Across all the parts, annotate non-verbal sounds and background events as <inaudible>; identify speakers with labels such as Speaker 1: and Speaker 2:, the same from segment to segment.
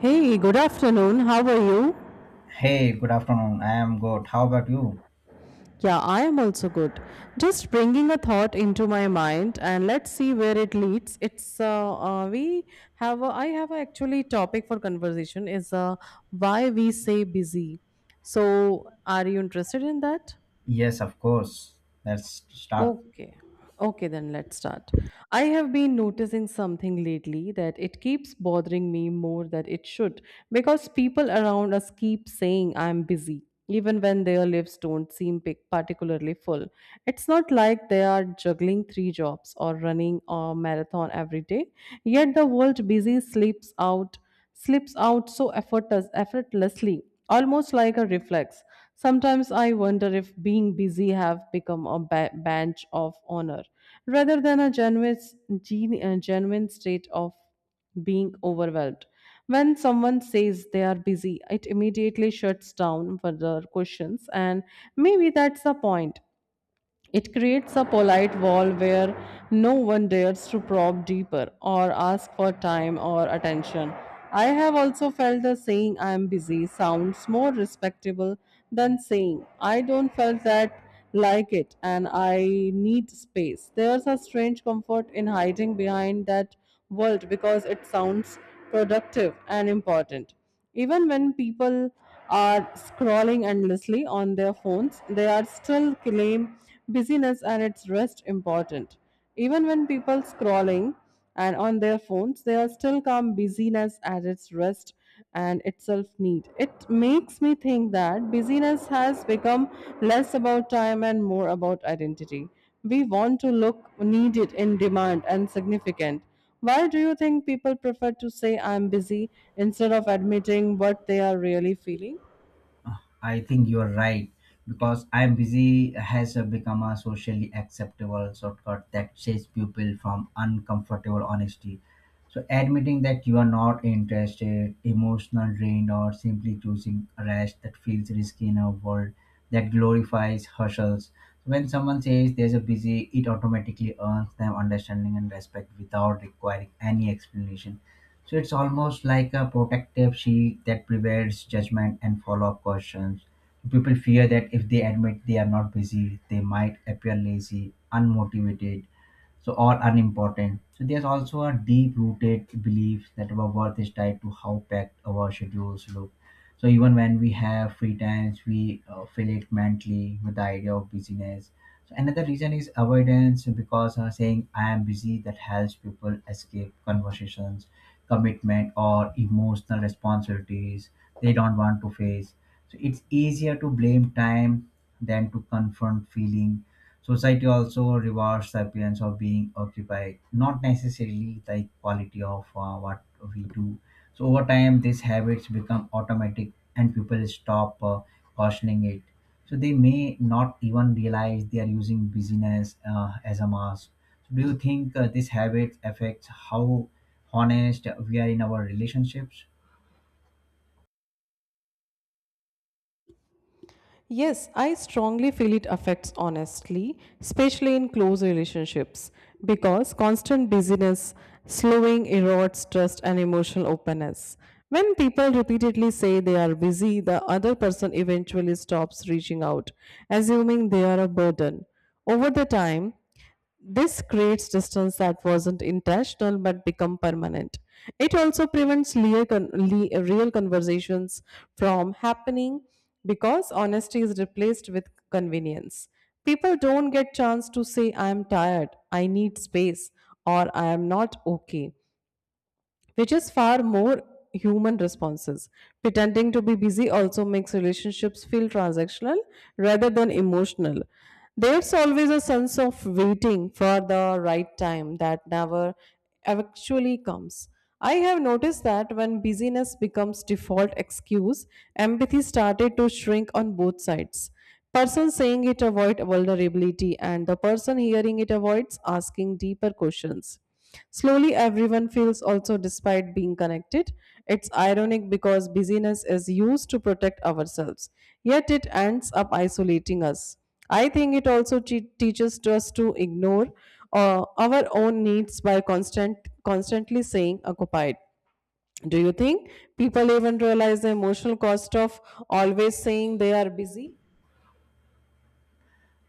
Speaker 1: Hey, good afternoon. How are you?
Speaker 2: Hey, good afternoon. I am good. How about you?
Speaker 1: Yeah, I am also good. Just bringing a thought into my mind and let's see where it leads. It's we have a, I have a actually topic for conversation is why we say busy. So, are you interested in that?
Speaker 2: Yes, of course. Let's start.
Speaker 1: Okay. Okay, then let's start. I have been noticing something lately that it keeps bothering me more than it should because people around us keep saying I'm busy, even when their lives don't seem particularly full. It's not like they are juggling three jobs or running a marathon every day, yet the word busy slips out so effortlessly, almost like a reflex. Sometimes I wonder if being busy have become a badge of honor rather than a genuine state of being overwhelmed. When someone says they are busy, it immediately shuts down further questions, and maybe that's the point. It creates a polite wall where no one dares to probe deeper or ask for time or attention. I have also felt the saying I am busy sounds more respectable than saying I don't felt that like it and I need space. There's a strange comfort in hiding behind that world because it sounds productive and important. Even when people are scrolling endlessly on their phones, they are still claim busyness and its rest important. Even when people scrolling and on their phones, they are still come busyness as its rest and itself need. It makes me think that busyness has become less about time and more about identity. We want to look needed in demand and significant. Why do you think people prefer to say I'm busy instead of admitting what they are really feeling?
Speaker 2: I think you're right because I'm busy has become a socially acceptable shortcut that saves people from uncomfortable honesty. So admitting that you are not interested, emotional drained, or simply choosing a rest that feels risky in a world that glorifies hustles. So, when someone says there's a busy, it automatically earns them understanding and respect without requiring any explanation, so it's almost like a protective shield that prevents judgment and follow-up questions. People fear that if they admit they are not busy, they might appear lazy, unmotivated, so or unimportant. So there's also a deep-rooted belief that our worth is tied to how packed our schedules look. So even when we have free times, we fill it mentally with the idea of busyness. So another reason is avoidance because saying I am busy that helps people escape conversations, commitment, or emotional responsibilities they don't want to face, so it's easier to blame time than to confront feeling. Society also rewards the appearance of being occupied, not necessarily the quality of what we do. So over time, these habits become automatic, and people stop cautioning it. So they may not even realize they are using busyness as a mask. So do you think this habit affects how honest we are in our relationships?
Speaker 1: Yes, I strongly feel it affects honestly, especially in close relationships, because constant busyness, slowing erodes trust and emotional openness. When people repeatedly say they are busy, the other person eventually stops reaching out, assuming they are a burden. Over the time, this creates distance that wasn't intentional but become permanent. It also prevents real conversations from happening because honesty is replaced with convenience. People don't get chance to say I am tired, I need space, or I am not okay, which is far more human responses. Pretending to be busy also makes relationships feel transactional rather than emotional. There's always a sense of waiting for the right time that never actually comes. I have noticed that when busyness becomes default excuse, empathy started to shrink on both sides. Person saying it avoid vulnerability and the person hearing it avoids asking deeper questions. Slowly everyone feels also despite being connected. It's ironic because busyness is used to protect ourselves, yet it ends up isolating us. I think it also teaches us to ignore our own needs by constantly saying occupied. Do you think people even realize the emotional cost of always saying they are busy?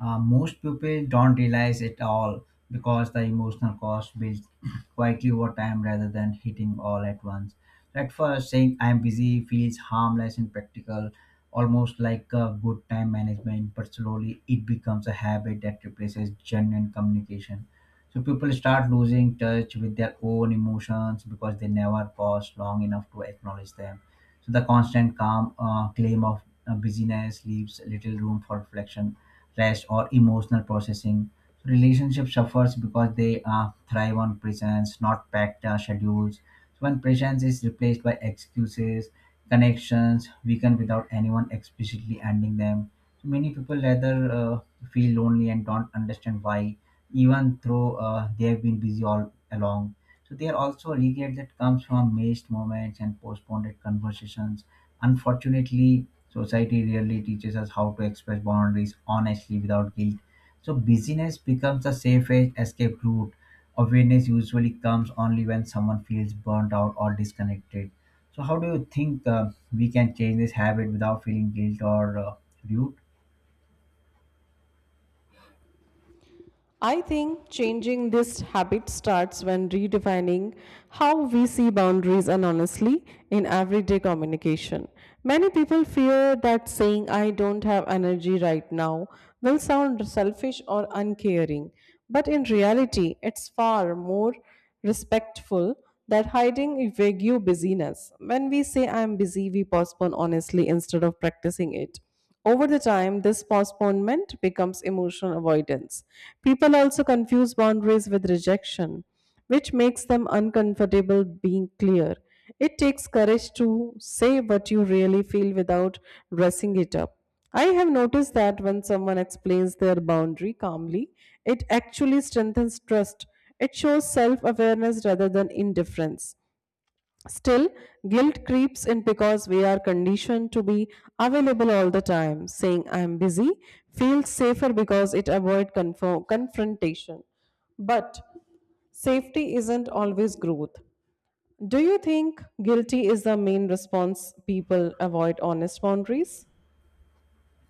Speaker 2: Most people don't realize it all because the emotional cost builds <clears throat> quietly over time rather than hitting all at once. At first, saying I'm busy feels harmless and practical, almost like a good time management, but slowly it becomes a habit that replaces genuine communication. So people start losing touch with their own emotions because they never pause long enough to acknowledge them. So the constant calm claim of busyness leaves little room for reflection, rest, or emotional processing. Relationship suffers because they thrive on presence, not packed schedules. So when presence is replaced by excuses, connections weaken without anyone explicitly ending them. So many people rather feel lonely and don't understand why, even though they have been busy all along. So they are also a regret that comes from missed moments and postponed conversations. Unfortunately, society really teaches us how to express boundaries honestly without guilt. So busyness becomes the safest escape route. Awareness usually comes only when someone feels burnt out or disconnected. So how do you think we can change this habit without feeling guilt or rude?
Speaker 1: I think changing this habit starts when redefining how we see boundaries and honestly in everyday communication. Many people fear that saying I don't have energy right now will sound selfish or uncaring, but in reality, it's far more respectful that hiding vague busyness. When we say I'm busy, we postpone honestly instead of practicing it. Over the time, this postponement becomes emotional avoidance. People also confuse boundaries with rejection, which makes them uncomfortable being clear. It takes courage to say what you really feel without dressing it up. I have noticed that when someone explains their boundary calmly, it actually strengthens trust. It shows self awareness rather than indifference. Still, guilt creeps in because we are conditioned to be available all the time. Saying I am busy feels safer because it avoids confrontation. But safety isn't always growth. Do you think guilty is the main response people avoid honest boundaries?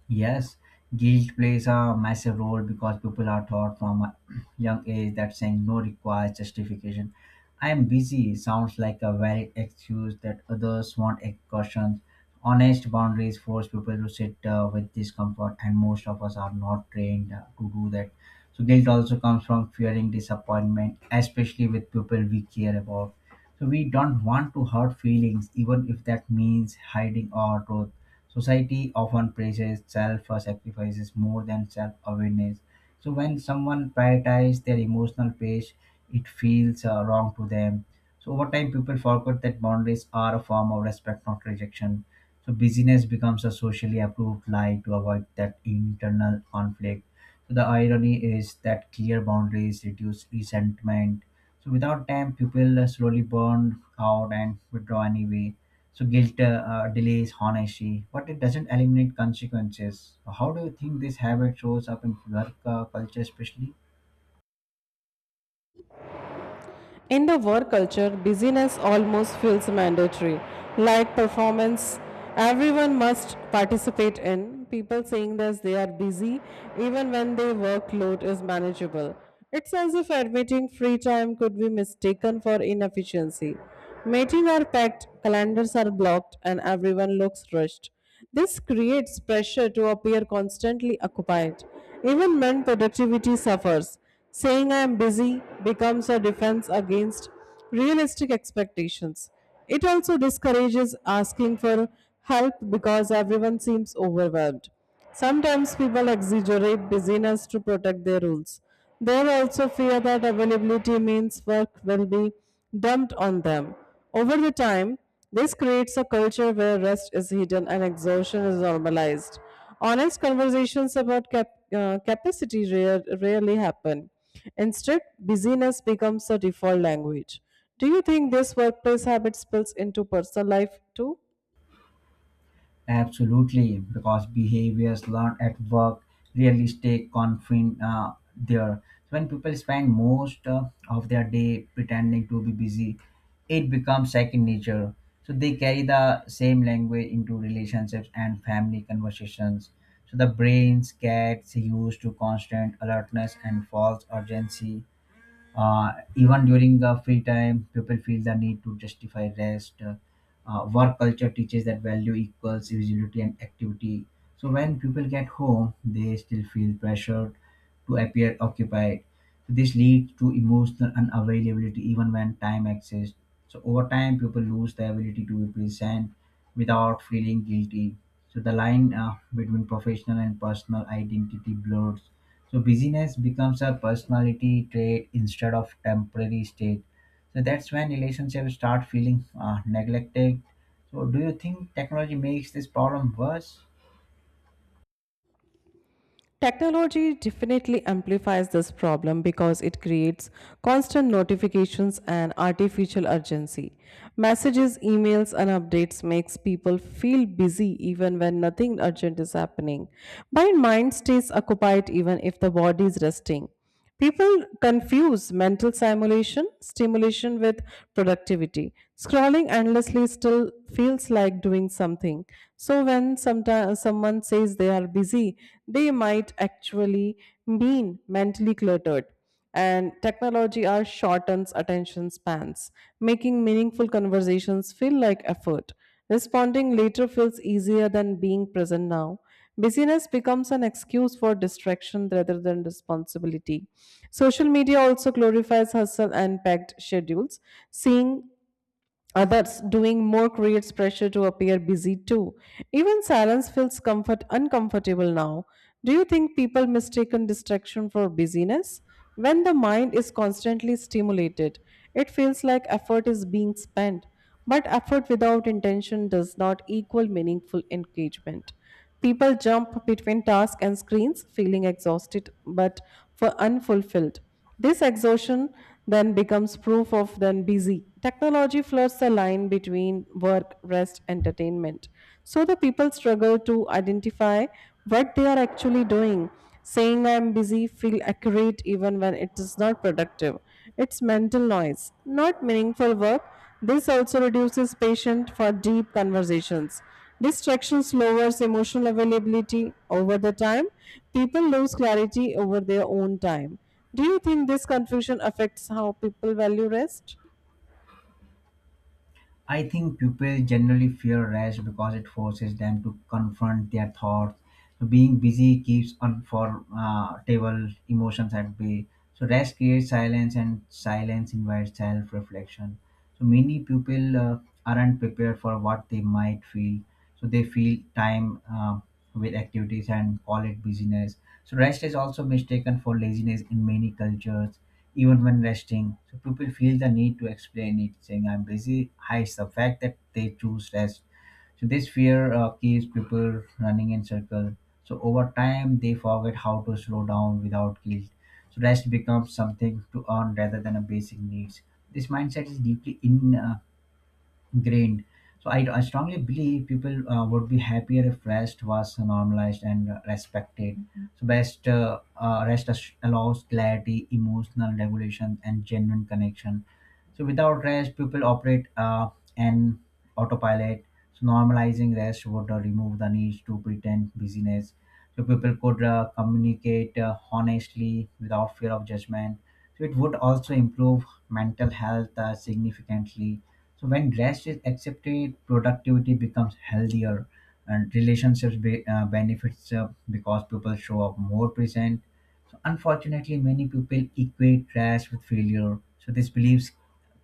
Speaker 2: Yes, guilt plays a massive role because people are taught from a <clears throat> young age that saying no requires justification. I am busy sounds like a valid excuse that others want cautions. Honest boundaries force people to sit with discomfort, and most of us are not trained to do that. So, guilt also comes from fearing disappointment, especially with people we care about. So, we don't want to hurt feelings, even if that means hiding our truth. Society often praises self-sacrifices more than self-awareness. So when someone prioritizes their emotional pace, it feels wrong to them. So over time, people forget that boundaries are a form of respect, not rejection. So busyness becomes a socially approved lie to avoid that internal conflict. So the irony is that clear boundaries reduce resentment. So without them, people slowly burn out and withdraw anyway. So guilt delays honesty, but it doesn't eliminate consequences. So, how do you think this habit shows up in work culture, especially?
Speaker 1: In the work culture, busyness almost feels mandatory, like performance. Everyone must participate in. People saying that they are busy, even when their workload is manageable. It's as if admitting free time could be mistaken for inefficiency. Meetings are packed, calendars are blocked, and everyone looks rushed. This creates pressure to appear constantly occupied. Even when productivity suffers, saying I am busy becomes a defense against realistic expectations. It also discourages asking for help because everyone seems overwhelmed. Sometimes people exaggerate busyness to protect their roles. They also fear that availability means work will be dumped on them. Over the time, this creates a culture where rest is hidden and exhaustion is normalized. Honest conversations about capacity rarely happen. Instead, busyness becomes a default language. Do you think this workplace habit spills into personal life too?
Speaker 2: Absolutely, because behaviors learned at work really stay confined there. So when people spend most of their day pretending to be busy, it becomes second nature. So they carry the same language into relationships and family conversations. So the brains gets used to constant alertness and false urgency, even during the free time, people feel the need to justify rest. Work culture teaches that value equals visibility and activity. So when people get home, they still feel pressured to appear occupied. So this leads to emotional unavailability even when time exists. So over time, people lose the ability to be present without feeling guilty. So the line between professional and personal identity blurs. So busyness becomes a personality trait instead of temporary state. So that's when relationships start feeling neglected. So do you think technology makes this problem worse?
Speaker 1: Technology definitely amplifies this problem because it creates constant notifications and artificial urgency. Messages, emails and updates makes people feel busy even when nothing urgent is happening. But mind stays occupied even if the body is resting. People confuse stimulation with productivity. Scrolling endlessly still feels like doing something. So when someone says they are busy, they might actually mean mentally cluttered and technology are shortens attention spans, making meaningful conversations feel like effort. Responding later feels easier than being present now. Busyness becomes an excuse for distraction rather than responsibility. Social media also glorifies hustle and packed schedules. Seeing others doing more creates pressure to appear busy too. Even silence feels comfort uncomfortable now. Do you think people mistaken distraction for busyness? When the mind is constantly stimulated, it feels like effort is being spent. But effort without intention does not equal meaningful engagement. People jump between tasks and screens feeling exhausted but for unfulfilled. This exhaustion then becomes proof of then busy. Technology floods the line between work, rest, entertainment. So the people struggle to identify what they are actually doing. Saying I am busy feel accurate even when it is not productive. It's mental noise, not meaningful work. This also reduces patience for deep conversations. Distractions lowers emotional availability over the time. People lose clarity over their own time. Do you think this confusion affects how people value rest?
Speaker 2: I think people generally fear rest because it forces them to confront their thoughts. So being busy keeps unforgettable emotions at bay. So rest creates silence, and silence invites self-reflection. So many people aren't prepared for what they might feel. So they feel time with activities and call it busyness. So rest is also mistaken for laziness in many cultures, even when resting. So people feel the need to explain it, saying I'm busy hides the fact that they choose rest. So this fear keeps people running in circles. So over time, they forget how to slow down without guilt. So rest becomes something to earn rather than a basic needs. This mindset is deeply grained. So I strongly believe people would be happier if rest was normalized and respected. Mhm. So best rest allows clarity, emotional regulation, and genuine connection. So without rest, people operate and autopilot. So normalizing rest would remove the need to pretend busyness. So people could communicate honestly without fear of judgment. So it would also improve mental health significantly, so when rest is accepted, productivity becomes healthier, and relationships benefits because people show up more present. So unfortunately, many people equate rest with failure. So this beliefs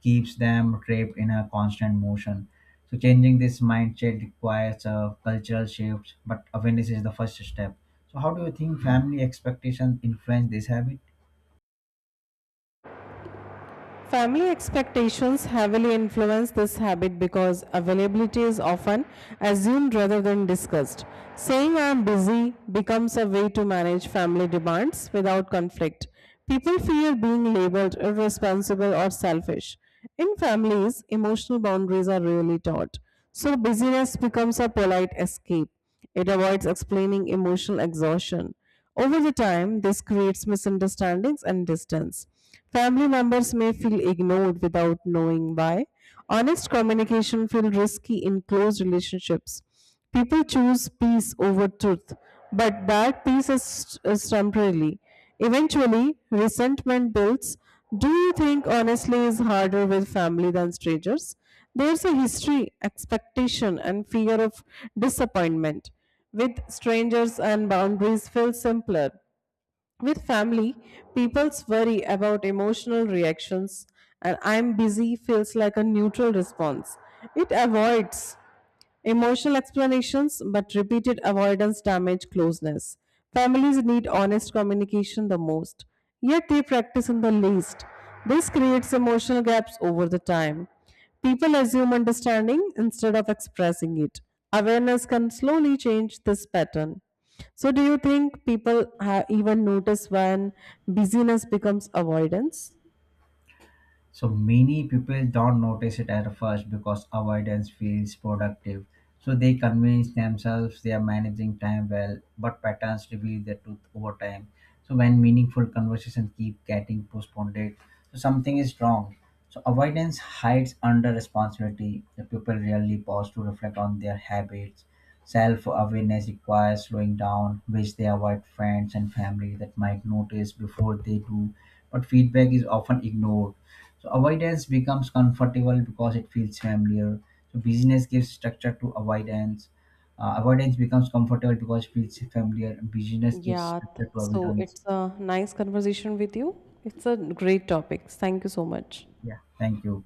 Speaker 2: keeps them trapped in a constant motion. So changing this mindset requires a cultural shifts, but awareness is the first step. So how do you think family expectations influence this habit?
Speaker 1: Family expectations heavily influence this habit because availability is often assumed rather than discussed. Saying I am busy becomes a way to manage family demands without conflict. People fear being labeled irresponsible or selfish. In families, emotional boundaries are rarely taught, so busyness becomes a polite escape. It avoids explaining emotional exhaustion. Over the time, this creates misunderstandings and distance. Family members may feel ignored without knowing why. Honest communication feels risky in close relationships. People choose peace over truth, but that is temporarily. Eventually, resentment builds. Do you think honestly is harder with family than strangers? There's a history, expectation, and fear of disappointment. With strangers and boundaries feel simpler. With family, people's worry about emotional reactions and I'm busy feels like a neutral response. It avoids emotional explanations, but repeated avoidance damage closeness. Families need honest communication the most, yet they practice in the least. This creates emotional gaps over the time. People assume understanding instead of expressing it. Awareness can slowly change this pattern. So, do you think people even notice when busyness becomes avoidance?
Speaker 2: So many people don't notice it at first because avoidance feels productive. So they convince themselves they are managing time well, but patterns reveal the truth over time. So when meaningful conversations keep getting postponed, so something is wrong. So avoidance hides under responsibility. The people rarely pause to reflect on their habits. Self-awareness requires slowing down, which they avoid friends and family that might notice before they do. But feedback is often ignored, so avoidance becomes comfortable because it feels familiar. So busyness gives structure to avoidance. Avoidance becomes comfortable because it feels familiar. Busyness gives
Speaker 1: Yeah,
Speaker 2: structure to
Speaker 1: so
Speaker 2: avoidance.
Speaker 1: it's a nice conversation with you. It's a great topic. Thank you so much.
Speaker 2: Yeah, thank you.